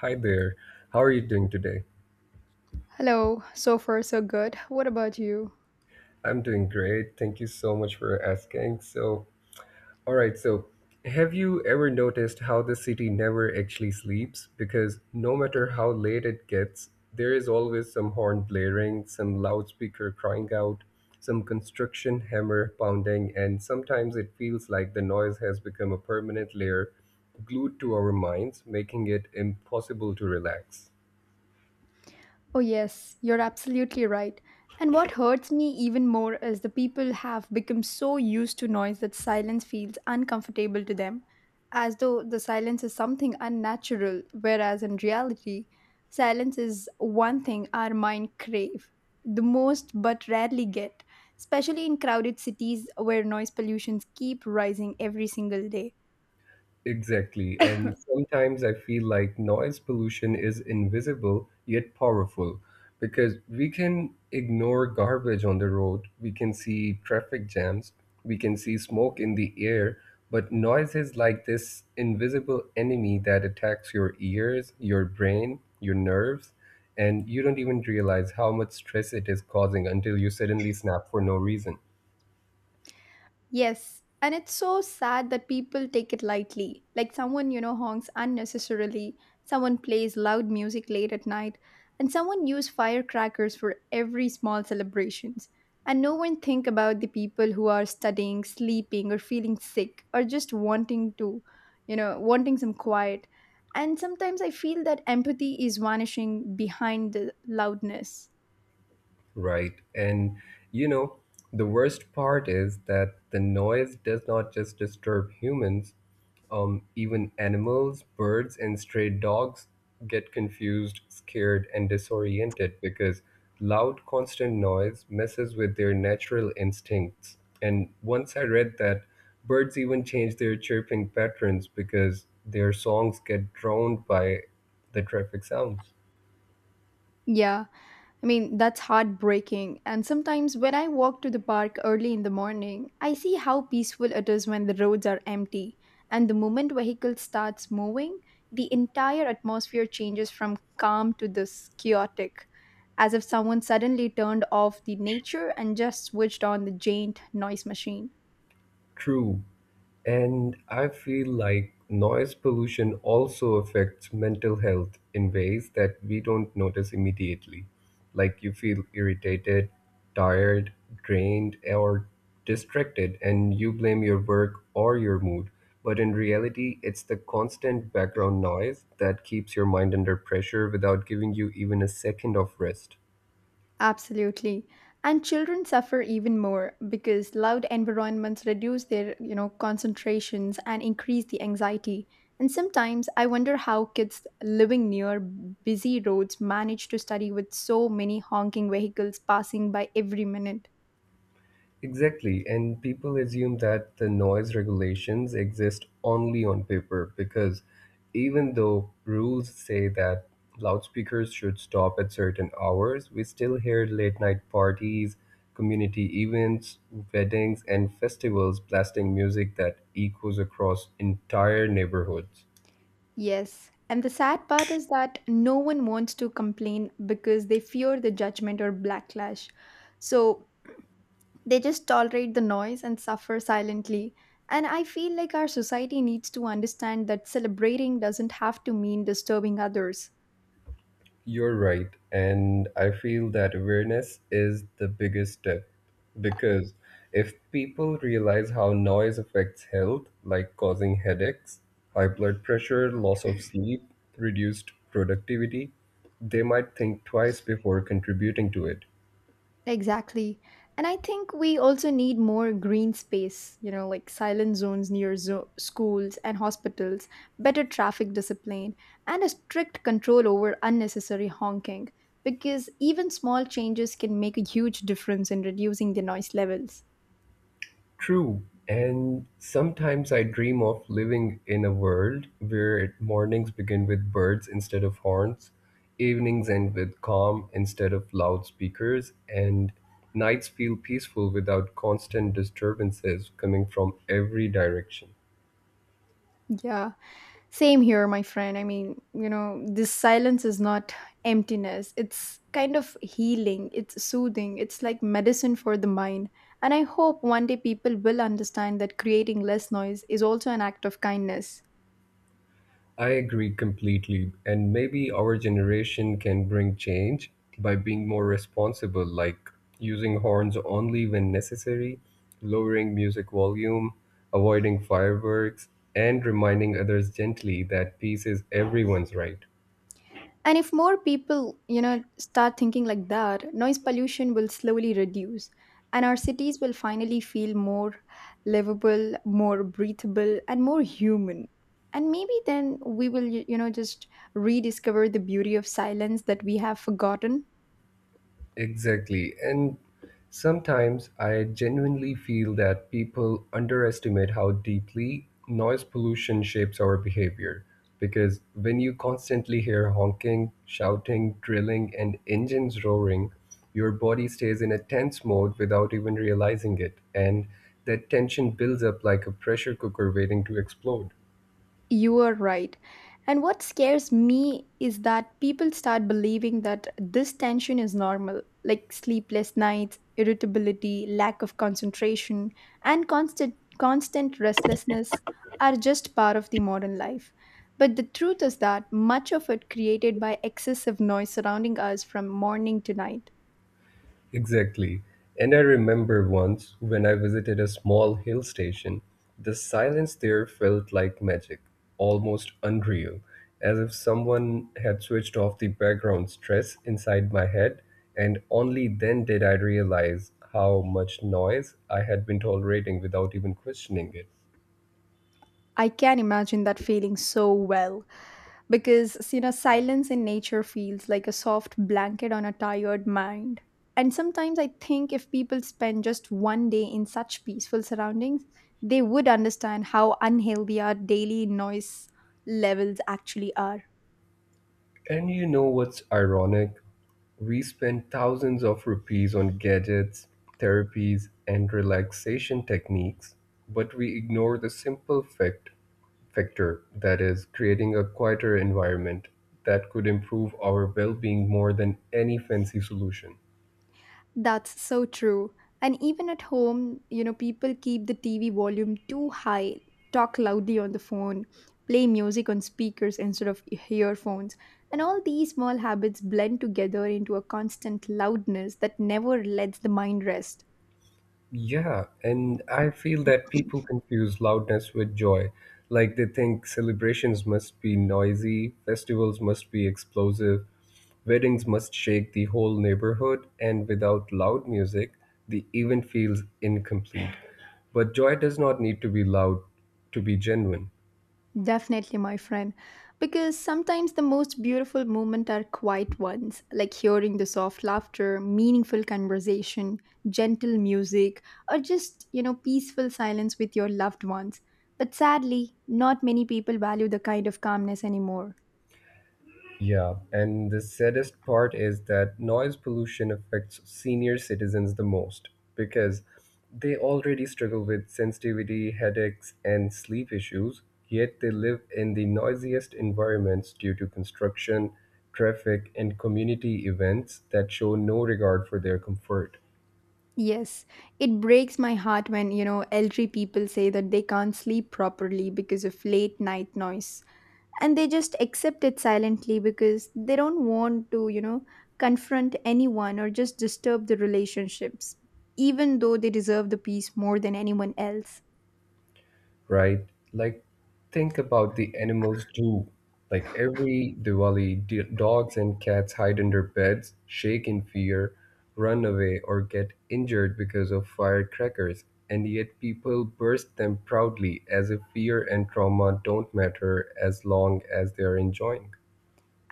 Hi there. How are you doing today? Hello, so far so good. What about you? I'm doing great. Thank you so much for asking. So, all right. So, have you ever noticed how the city never actually sleeps? Because no matter how late it gets, there is always some horn blaring, some loudspeaker crying out, some construction hammer pounding, and sometimes it feels like the noise has become a permanent layer glued to our minds, making it impossible to relax. Oh, yes, you're absolutely right. And what hurts me even more is the people have become so used to noise that silence feels uncomfortable to them, as though the silence is something unnatural, whereas in reality, silence is one thing our mind crave the most but rarely get, especially in crowded cities where noise pollutions keep rising every single day. Exactly. And sometimes I feel like noise pollution is invisible yet powerful because we can ignore garbage on the road, we can see traffic jams, we can see smoke in the air, but noise is like this invisible enemy that attacks your ears, your brain, your nerves, and you don't even realize how much stress it is causing until you suddenly snap for no reason. Yes, and it's so sad that people take it lightly. Like someone, you know, honks unnecessarily, someone plays loud music late at night, and someone use firecrackers for every small celebrations. And no one think about the people who are studying, sleeping, or feeling sick, or just wanting to, wanting some quiet. And sometimes I feel that empathy is vanishing behind the loudness. Right. And you know, the worst part is that the noise does not just disturb humans, even animals, birds, and stray dogs get confused, scared, and disoriented because loud, constant noise messes with their natural instincts. And once I read that birds even change their chirping patterns because their songs get drowned by the traffic sounds. Yeah. I mean, that's heartbreaking. And sometimes when I walk to the park early in the morning, I see how peaceful it is when the roads are empty. And the moment vehicle starts moving, the entire atmosphere changes from calm to this chaotic, as if someone suddenly turned off the nature and just switched on the giant noise machine. True. And I feel like noise pollution also affects mental health in ways that we don't notice immediately. Like you feel irritated, tired, drained, or distracted, and you blame your work or your mood. But in reality, it's the constant background noise that keeps your mind under pressure without giving you even a second of rest. Absolutely. And children suffer even more because loud environments reduce their concentrations and increase the anxiety. And sometimes I wonder how kids living near busy roads manage to study with so many honking vehicles passing by every minute. Exactly, and people assume that the noise regulations exist only on paper because even though rules say that loudspeakers should stop at certain hours, we still hear late night parties, community events, weddings, and festivals blasting music that echoes across entire neighborhoods. Yes. And the sad part is that no one wants to complain because they fear the judgment or backlash. So they just tolerate the noise and suffer silently. And I feel like our society needs to understand that celebrating doesn't have to mean disturbing others. You're right. And I feel that awareness is the biggest step because if people realize how noise affects health, like causing headaches, high blood pressure, loss of sleep, reduced productivity, they might think twice before contributing to it. Exactly. And I think we also need more green space, like silent zones near schools and hospitals, better traffic discipline, and a strict control over unnecessary honking. Because even small changes can make a huge difference in reducing the noise levels. True. And sometimes I dream of living in a world where mornings begin with birds instead of horns, evenings end with calm instead of loudspeakers, and nights feel peaceful without constant disturbances coming from every direction. Yeah. Same here, my friend. I mean, you know, this silence is not emptiness. It's kind of healing, it's soothing, it's like medicine for the mind. And I hope one day people will understand that creating less noise is also an act of kindness. I agree completely. And maybe our generation can bring change by being more responsible, like using horns only when necessary, lowering music volume, avoiding fireworks, and reminding others gently that peace is everyone's right. And if more people start thinking like that, noise pollution will slowly reduce and our cities will finally feel more livable, more breathable and more human. And maybe then we will, just rediscover the beauty of silence that we have forgotten. Exactly. And sometimes I genuinely feel that people underestimate how deeply noise pollution shapes our behavior. Because when you constantly hear honking, shouting, drilling, and engines roaring, your body stays in a tense mode without even realizing it. And that tension builds up like a pressure cooker waiting to explode. You are right. And what scares me is that people start believing that this tension is normal, like sleepless nights, irritability, lack of concentration, and constant restlessness are just part of the modern life. But the truth is that much of it created by excessive noise surrounding us from morning to night. Exactly. And I remember once when I visited a small hill station, the silence there felt like magic, almost unreal, as if someone had switched off the background stress inside my head, and only then did I realize how much noise I had been tolerating without even questioning it. I can imagine that feeling so well, because you know silence in nature feels like a soft blanket on a tired mind, and sometimes I think if people spend just one day in such peaceful surroundings, they would understand how unhealthy our daily noise levels actually are. And you know what's ironic? We spend thousands of rupees on gadgets, therapies, and relaxation techniques, but we ignore the simple factor that is, creating a quieter environment that could improve our well being more than any fancy solution. That's so true. And even at home, people keep the TV volume too high, talk loudly on the phone, play music on speakers instead of earphones. And all these small habits blend together into a constant loudness that never lets the mind rest. Yeah, and I feel that people confuse loudness with joy. Like they think celebrations must be noisy, festivals must be explosive, weddings must shake the whole neighborhood, and without loud music, the event feels incomplete. But joy does not need to be loud to be genuine. Definitely, my friend. Because sometimes the most beautiful moments are quiet ones, like hearing the soft laughter, meaningful conversation, gentle music, or just peaceful silence with your loved ones. But sadly, not many people value the kind of calmness anymore. Yeah, and the saddest part is that noise pollution affects senior citizens the most because they already struggle with sensitivity, headaches, and sleep issues, yet they live in the noisiest environments due to construction, traffic, and community events that show no regard for their comfort. Yes, it breaks my heart when elderly people say that they can't sleep properly because of late night noise, and they just accept it silently because they don't want to confront anyone or just disturb the relationships, even though they deserve the peace more than anyone else. Right? Like, think about the animals too. Like, every Diwali, dogs and cats hide under beds, shake in fear, run away, or get injured because of firecrackers. And yet, people burst them proudly as if fear and trauma don't matter as long as they are enjoying.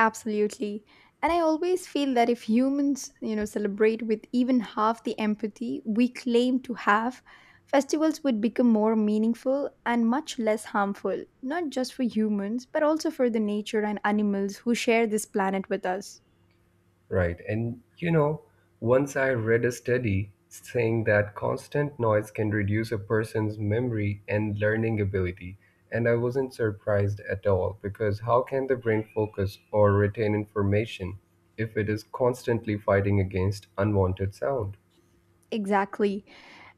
Absolutely. And I always feel that if humans, celebrate with even half the empathy we claim to have, festivals would become more meaningful and much less harmful, not just for humans, but also for the nature and animals who share this planet with us. Right. And you know, once I read a study saying that constant noise can reduce a person's memory and learning ability. And I wasn't surprised at all because how can the brain focus or retain information if it is constantly fighting against unwanted sound? Exactly.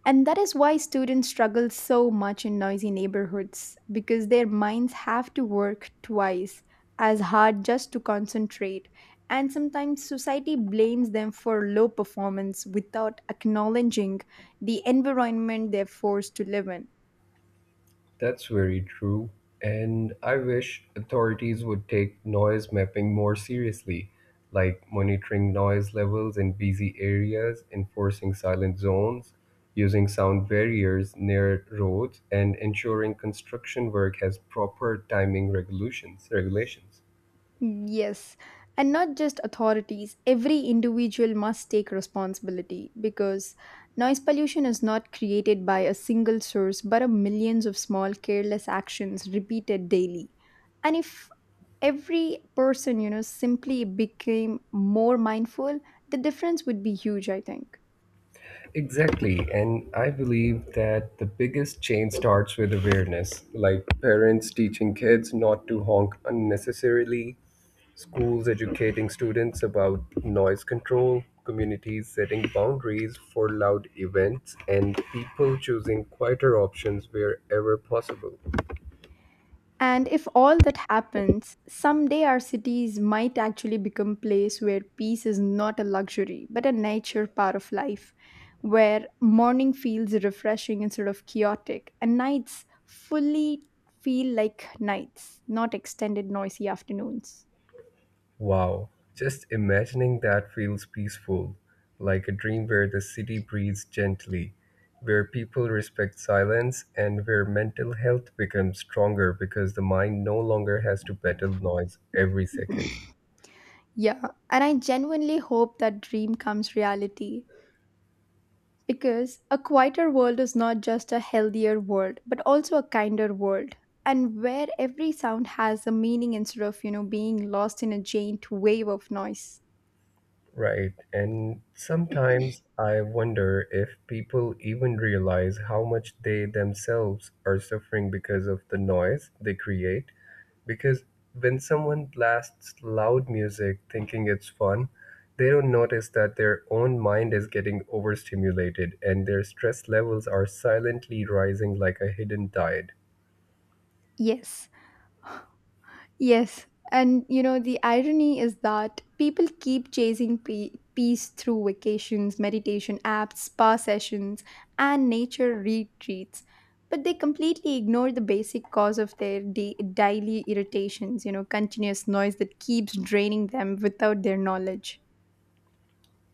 And that is why students struggle so much in noisy neighborhoods because their minds have to work twice as hard just to concentrate. And sometimes society blames them for low performance without acknowledging the environment they're forced to live in. That's very true. And I wish authorities would take noise mapping more seriously, like monitoring noise levels in busy areas, enforcing silent zones, using sound barriers near roads, and ensuring construction work has proper timing regulations. Mm, yes, and not just authorities, every individual must take responsibility because noise pollution is not created by a single source but a millions of small careless actions repeated daily. And if every person simply became more mindful, the difference would be huge, I think. Exactly. And I believe that the biggest change starts with awareness, like parents teaching kids not to honk unnecessarily, schools educating students about noise control, communities setting boundaries for loud events, and people choosing quieter options wherever possible. And if all that happens, someday our cities might actually become place where peace is not a luxury, but a nature part of life, where morning feels refreshing instead of chaotic, and nights fully feel like nights, not extended noisy afternoons. Wow, just imagining that feels peaceful, like a dream where the city breathes gently, where people respect silence, and where mental health becomes stronger because the mind no longer has to battle noise every second. Yeah, and I genuinely hope that dream comes reality, because a quieter world is not just a healthier world, but also a kinder world. And where every sound has a meaning instead of being lost in a giant wave of noise. Right, and sometimes I wonder if people even realize how much they themselves are suffering because of the noise they create. Because when someone blasts loud music thinking it's fun, they don't notice that their own mind is getting overstimulated and their stress levels are silently rising like a hidden tide. Yes, yes, and you know, the irony is that people keep chasing peace through vacations, meditation apps, spa sessions, and nature retreats. But they completely ignore the basic cause of their daily irritations, continuous noise that keeps draining them without their knowledge.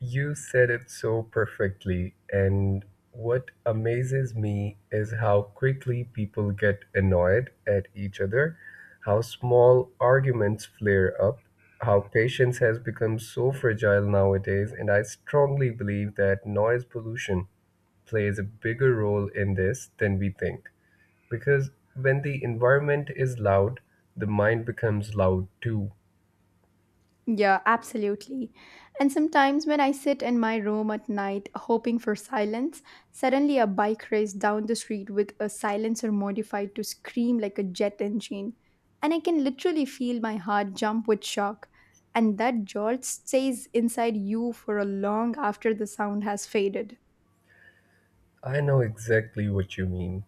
You said it so perfectly, and what amazes me is how quickly people get annoyed at each other, how small arguments flare up, how patience has become so fragile nowadays, and I strongly believe that noise pollution plays a bigger role in this than we think. Because when the environment is loud, the mind becomes loud too. Yeah, absolutely. And sometimes when I sit in my room at night hoping for silence, suddenly a bike race down the street with a silencer modified to scream like a jet engine. And I can literally feel my heart jump with shock. And that jolt stays inside you for a long after the sound has faded. I know exactly what you mean.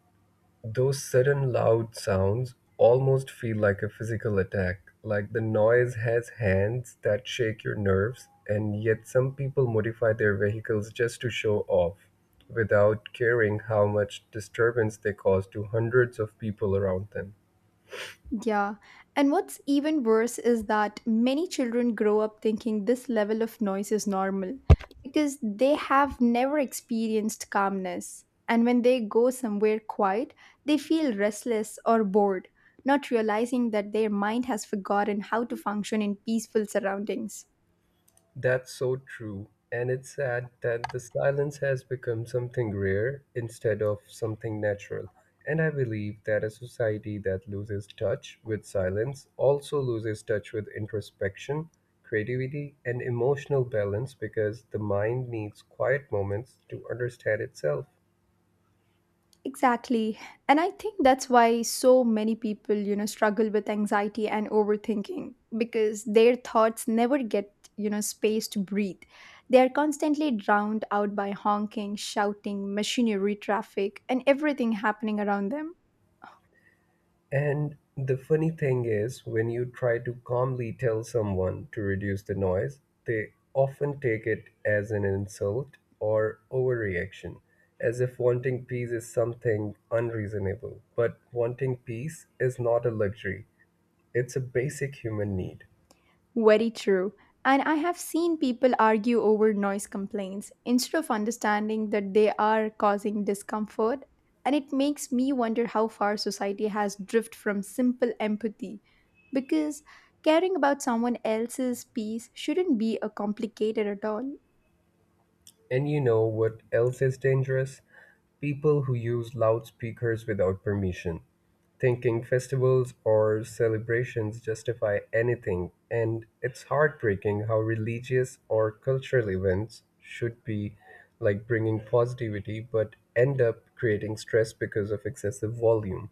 Those sudden loud sounds almost feel like a physical attack, like the noise has hands that shake your nerves, and yet some people modify their vehicles just to show off, without caring how much disturbance they cause to hundreds of people around them. Yeah. And what's even worse is that many children grow up thinking this level of noise is normal because they have never experienced calmness. And when they go somewhere quiet, they feel restless or bored, not realizing that their mind has forgotten how to function in peaceful surroundings. That's so true. And it's sad that the silence has become something rare instead of something natural. And I believe that a society that loses touch with silence also loses touch with introspection, creativity, and emotional balance because the mind needs quiet moments to understand itself. Exactly. And I think that's why so many people, struggle with anxiety and overthinking because their thoughts never get space to breathe. They are constantly drowned out by honking, shouting, machinery, traffic, and everything happening around them. And the funny thing is, when you try to calmly tell someone to reduce the noise, they often take it as an insult or overreaction, as if wanting peace is something unreasonable. But wanting peace is not a luxury, it's a basic human need. Very true. And I have seen people argue over noise complaints instead of understanding that they are causing discomfort. And it makes me wonder how far society has drifted from simple empathy. Because caring about someone else's peace shouldn't be a complicated at all. And you know what else is dangerous? People who use loudspeakers without permission, thinking festivals or celebrations justify anything, and it's heartbreaking how religious or cultural events should be like bringing positivity but end up creating stress because of excessive volume.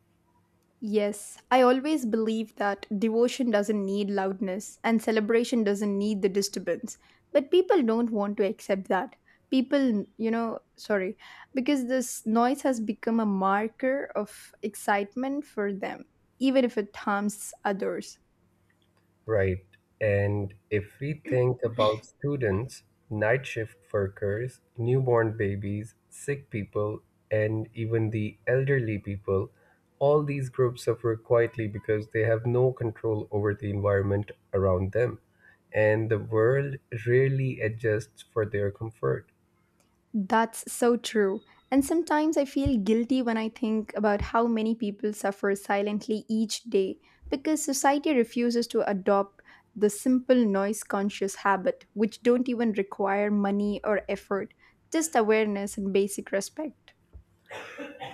Yes, I always believe that devotion doesn't need loudness and celebration doesn't need the disturbance. But people don't want to accept that. People, because this noise has become a marker of excitement for them, even if it harms others. Right. And if we think about students, night shift workers, newborn babies, sick people, and even the elderly people, all these groups suffer quietly because they have no control over the environment around them, and the world rarely adjusts for their comfort. That's so true. And sometimes I feel guilty when I think about how many people suffer silently each day because society refuses to adopt the simple noise conscious habit, which don't even require money or effort, just awareness and basic respect.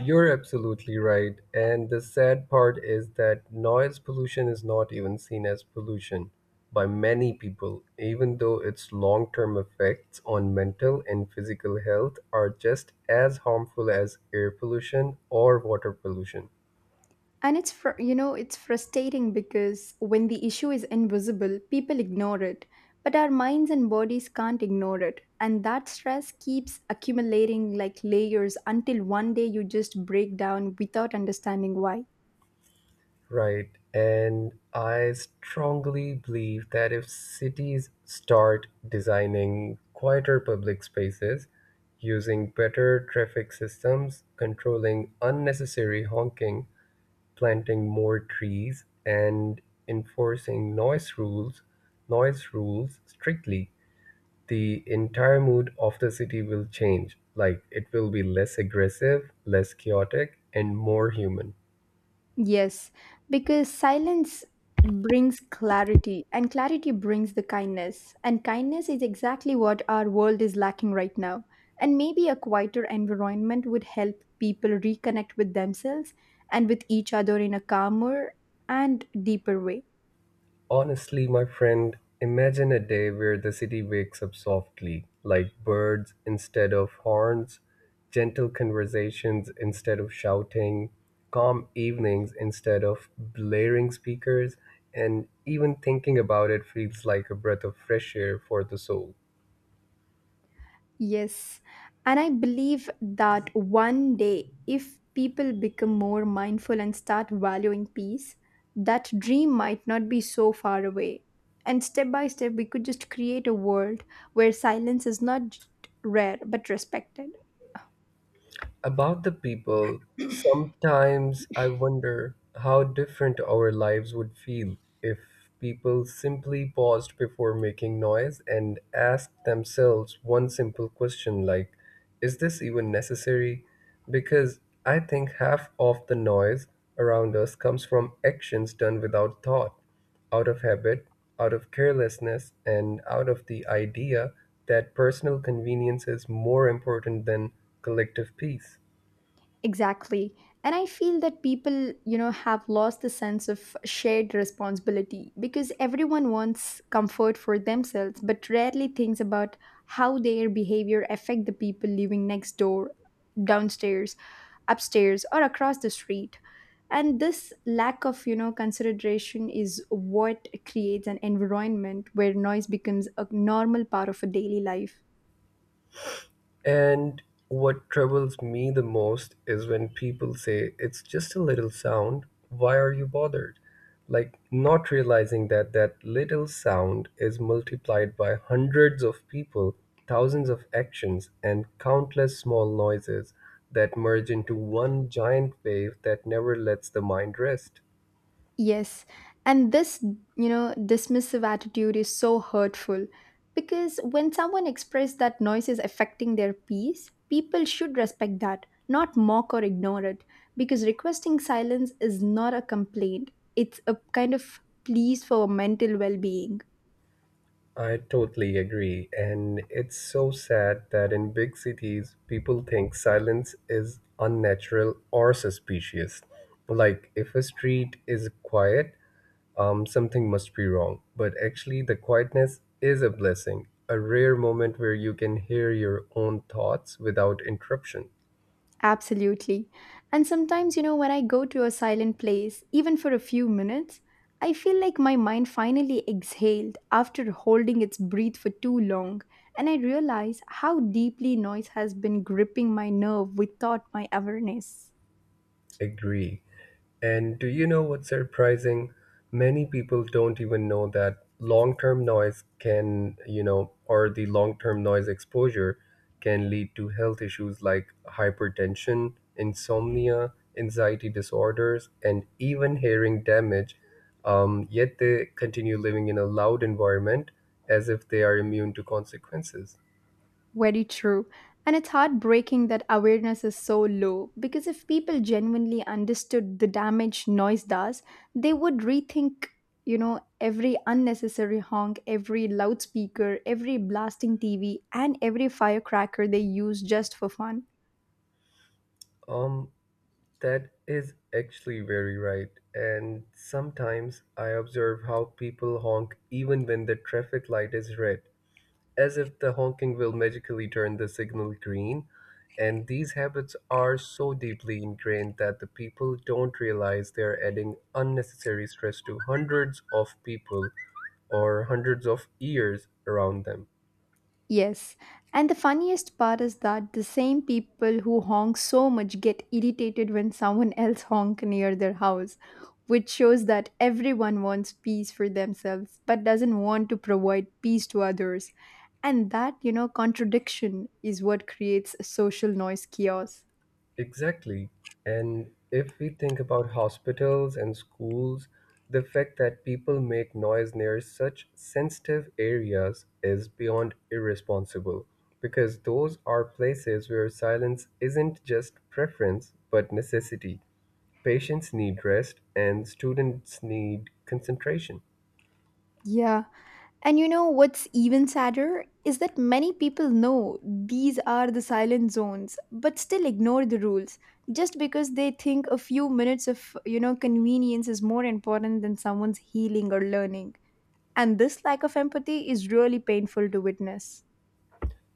You're absolutely right. And the sad part is that noise pollution is not even seen as pollution by many people, even though its long term effects on mental and physical health are just as harmful as air pollution or water pollution. And it's it's frustrating because when the issue is invisible, people ignore it, but our minds and bodies can't ignore it, and that stress keeps accumulating like layers until one day you just break down without understanding why. Right. And I strongly believe that if cities start designing quieter public spaces, using better traffic systems, controlling unnecessary honking, planting more trees, and enforcing noise rules strictly, the entire mood of the city will change. Like it will be less aggressive, less chaotic, and more human. Yes, because silence brings clarity, and clarity brings the kindness. And kindness is exactly what our world is lacking right now. And maybe a quieter environment would help people reconnect with themselves and with each other in a calmer and deeper way. Honestly, my friend, imagine a day where the city wakes up softly, like birds instead of horns, gentle conversations instead of shouting, calm evenings instead of blaring speakers, and even thinking about it feels like a breath of fresh air for the soul. Yes, and I believe that one day, if people become more mindful and start valuing peace, that dream might not be so far away. And step by step, we could just create a world where silence is not rare but respected. About the people, sometimes I wonder how different our lives would feel if people simply paused before making noise and asked themselves one simple question like, is this even necessary? Because I think half of the noise around us comes from actions done without thought, out of habit, out of carelessness, and out of the idea that personal convenience is more important than collective peace. Exactly. And I feel that people, have lost the sense of shared responsibility because everyone wants comfort for themselves but rarely thinks about how their behavior affect the people living next door, downstairs, upstairs or across the street. And this lack of consideration is what creates an environment where noise becomes a normal part of a daily life. And what troubles me the most is when people say, it's just a little sound, why are you bothered? Like, not realizing that that little sound is multiplied by hundreds of people, thousands of actions, and countless small noises that merge into one giant wave that never lets the mind rest. Yes, and this dismissive attitude is so hurtful because when someone expresses that noise is affecting their peace, people should respect that, not mock or ignore it, because requesting silence is not a complaint, it's a kind of pleas for mental well being. I totally agree. And it's so sad that in big cities, people think silence is unnatural or suspicious. Like if a street is quiet, something must be wrong. But actually, the quietness is a blessing, a rare moment where you can hear your own thoughts without interruption. Absolutely. And sometimes, when I go to a silent place, even for a few minutes, I feel like my mind finally exhaled after holding its breath for too long, and I realize how deeply noise has been gripping my nerve without my awareness. Agree. And do you know what's surprising? Many people don't even know that long term noise can, you know, or the long term noise exposure can lead to health issues like hypertension, insomnia, anxiety disorders, and even hearing damage. Yet they continue living in a loud environment as if they are immune to consequences. Very true. And it's heartbreaking that awareness is so low because if people genuinely understood the damage noise does, they would rethink, you know, every unnecessary honk, every loudspeaker, every blasting TV, and every firecracker they use just for fun. Um, That is actually very right. And sometimes I observe how people honk even when the traffic light is red, as if the honking will magically turn the signal green. And these habits are so deeply ingrained that the people don't realize they're adding unnecessary stress to hundreds of people or hundreds of ears around them. Yes, and the funniest part is that the same people who honk so much get irritated when someone else honk near their house, which shows that everyone wants peace for themselves but doesn't want to provide peace to others. And that, you know, contradiction is what creates a social noise chaos. Exactly. And if we think about hospitals and schools, the fact that people make noise near such sensitive areas is beyond irresponsible because those are places where silence isn't just preference but necessity. Patients need rest and students need concentration. Yeah. And you know what's even sadder is that many people know these are the silent zones but still ignore the rules just because they think a few minutes of, you know, convenience is more important than someone's healing or learning. And this lack of empathy is really painful to witness.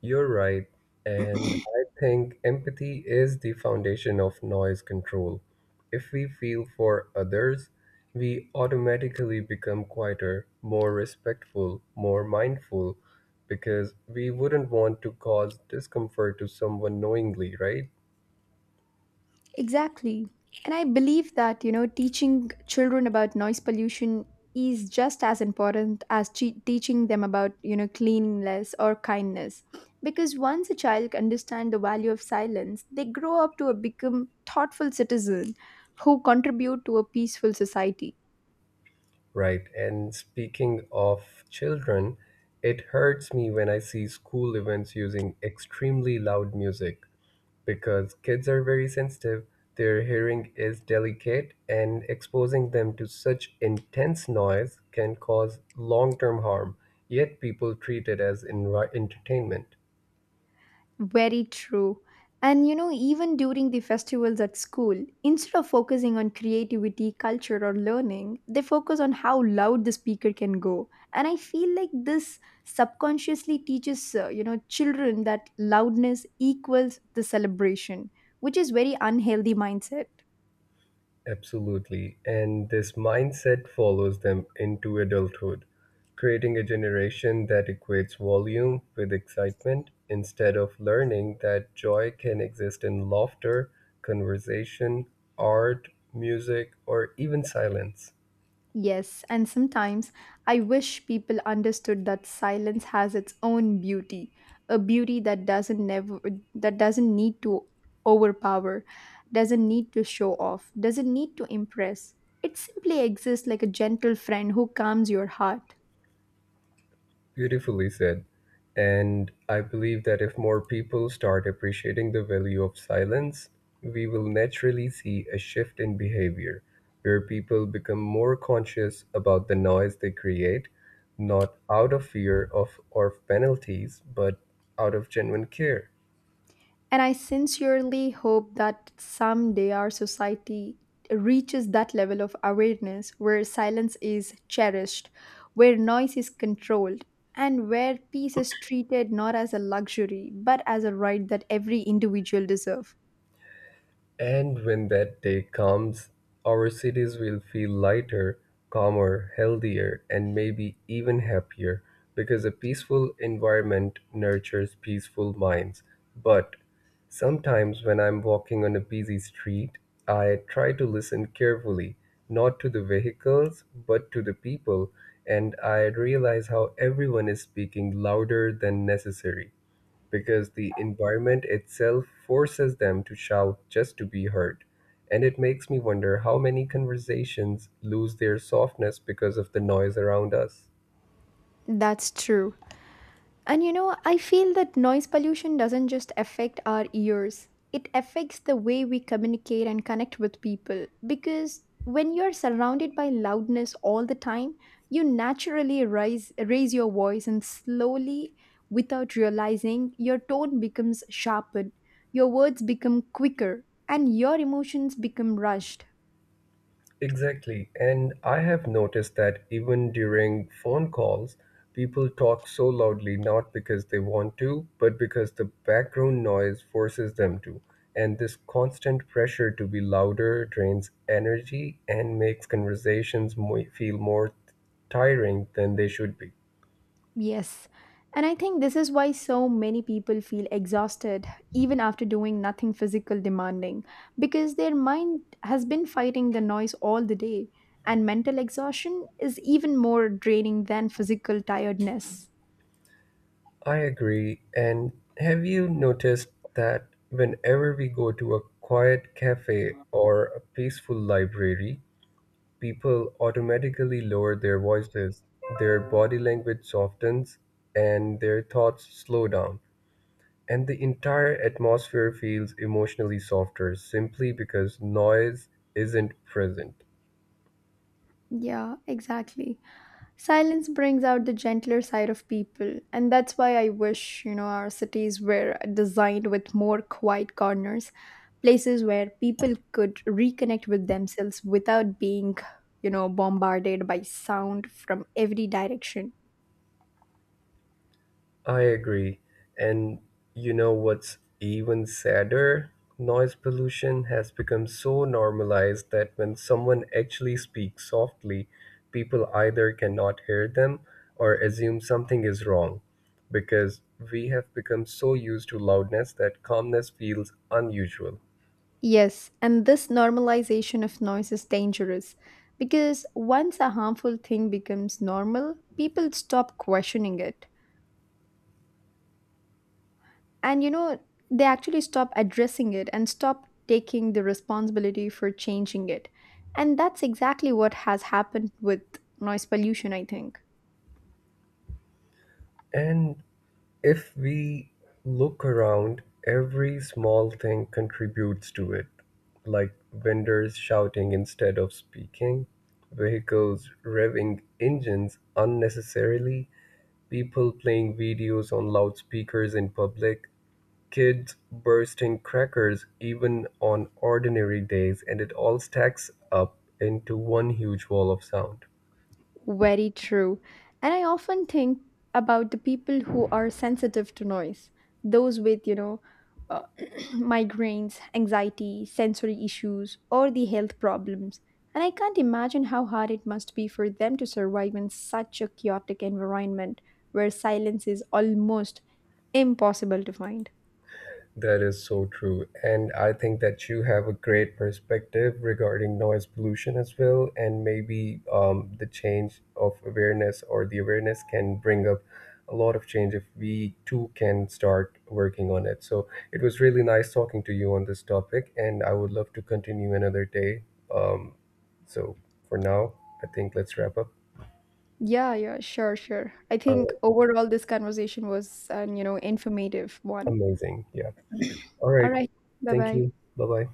You're right. And I think empathy is the foundation of noise control. If we feel for others, we automatically become quieter, more respectful, more mindful, because we wouldn't want to cause discomfort to someone knowingly, right? Exactly. And I believe that, you know, teaching children about noise pollution is just as important as teaching them about, you know, cleanliness or kindness. Because once a child understands the value of silence, they grow up to become thoughtful citizen who contribute to a peaceful society. Right. And speaking of children, it hurts me when I see school events using extremely loud music because kids are very sensitive, their hearing is delicate, and exposing them to such intense noise can cause long term harm. Yet people treat it as entertainment. Very true. And you know, even during the festivals at school, instead of focusing on creativity, culture, or learning, they focus on how loud the speaker can go. And I feel like this subconsciously teaches, you know, children that loudness equals the celebration, which is very unhealthy mindset. Absolutely. And this mindset follows them into adulthood, creating a generation that equates volume with excitement instead of learning that joy can exist in laughter, conversation, art, music, or even silence. Yes, and sometimes I wish people understood that silence has its own beauty, a beauty that doesn't never that doesn't need to overpower, doesn't need to show off, doesn't need to impress. It simply exists like a gentle friend who calms your heart. Beautifully said. And I believe that if more people start appreciating the value of silence, we will naturally see a shift in behavior where people become more conscious about the noise they create, not out of fear of or penalties, but out of genuine care. And I sincerely hope that someday our society reaches that level of awareness where silence is cherished, where noise is controlled, and where peace is treated not as a luxury but as a right that every individual deserves. And when that day comes, our cities will feel lighter, calmer, healthier, and maybe even happier because a peaceful environment nurtures peaceful minds. But sometimes when I'm walking on a busy street, I try to listen carefully, not to the vehicles, but to the people, and I realize how everyone is speaking louder than necessary because the environment itself forces them to shout just to be heard. And it makes me wonder how many conversations lose their softness because of the noise around us. That's true. And you know, I feel that noise pollution doesn't just affect our ears, it affects the way we communicate and connect with people. Because when you're surrounded by loudness all the time, you naturally raise your voice, and slowly, without realizing, your tone becomes sharpened, your words become quicker, and your emotions become rushed. Exactly. And I have noticed that even during phone calls, people talk so loudly not because they want to, but because the background noise forces them to. And this constant pressure to be louder drains energy and makes conversations feel more tiring than they should be. Yes. And I think this is why so many people feel exhausted even after doing nothing physical demanding because their mind has been fighting the noise all the day and mental exhaustion is even more draining than physical tiredness. I agree. And have you noticed that whenever we go to a quiet cafe or a peaceful library, people automatically lower their voices, their body language softens, and their thoughts slow down. And the entire atmosphere feels emotionally softer simply because noise isn't present. Yeah, exactly. Silence brings out the gentler side of people, and that's why I wish, you know, our cities were designed with more quiet corners, places where people could reconnect with themselves without being, you know, bombarded by sound from every direction. I agree. And you know what's even sadder? Noise pollution has become so normalized that when someone actually speaks softly, people either cannot hear them or assume something is wrong because we have become so used to loudness that calmness feels unusual. Yes, and this normalization of noise is dangerous because once a harmful thing becomes normal, people stop questioning it. And you know, they actually stop addressing it and stop taking the responsibility for changing it, and that's exactly what has happened with noise pollution, I think. And if we look around, every small thing contributes to it, like vendors shouting instead of speaking, vehicles revving engines unnecessarily, people playing videos on loudspeakers in public, kids bursting crackers even on ordinary days, and it all stacks up into one huge wall of sound. Very true. And I often think about the people who are sensitive to noise, those with, you know, uh, migraines, anxiety, sensory issues, or the health problems. And I can't imagine how hard it must be for them to survive in such a chaotic environment where silence is almost impossible to find. That is so true. And I think that you have a great perspective regarding noise pollution as well. And maybe the change of awareness or the awareness can bring up a lot of change if we too can start working on it. So it was really nice talking to you on this topic. And I would love to continue another day. Um, so for now, I think let's wrap up. Yeah, sure. I All think right. overall this conversation was an, you know, informative one. Amazing. Yeah. All All right. right. Thank Bye-bye. you. Bye bye.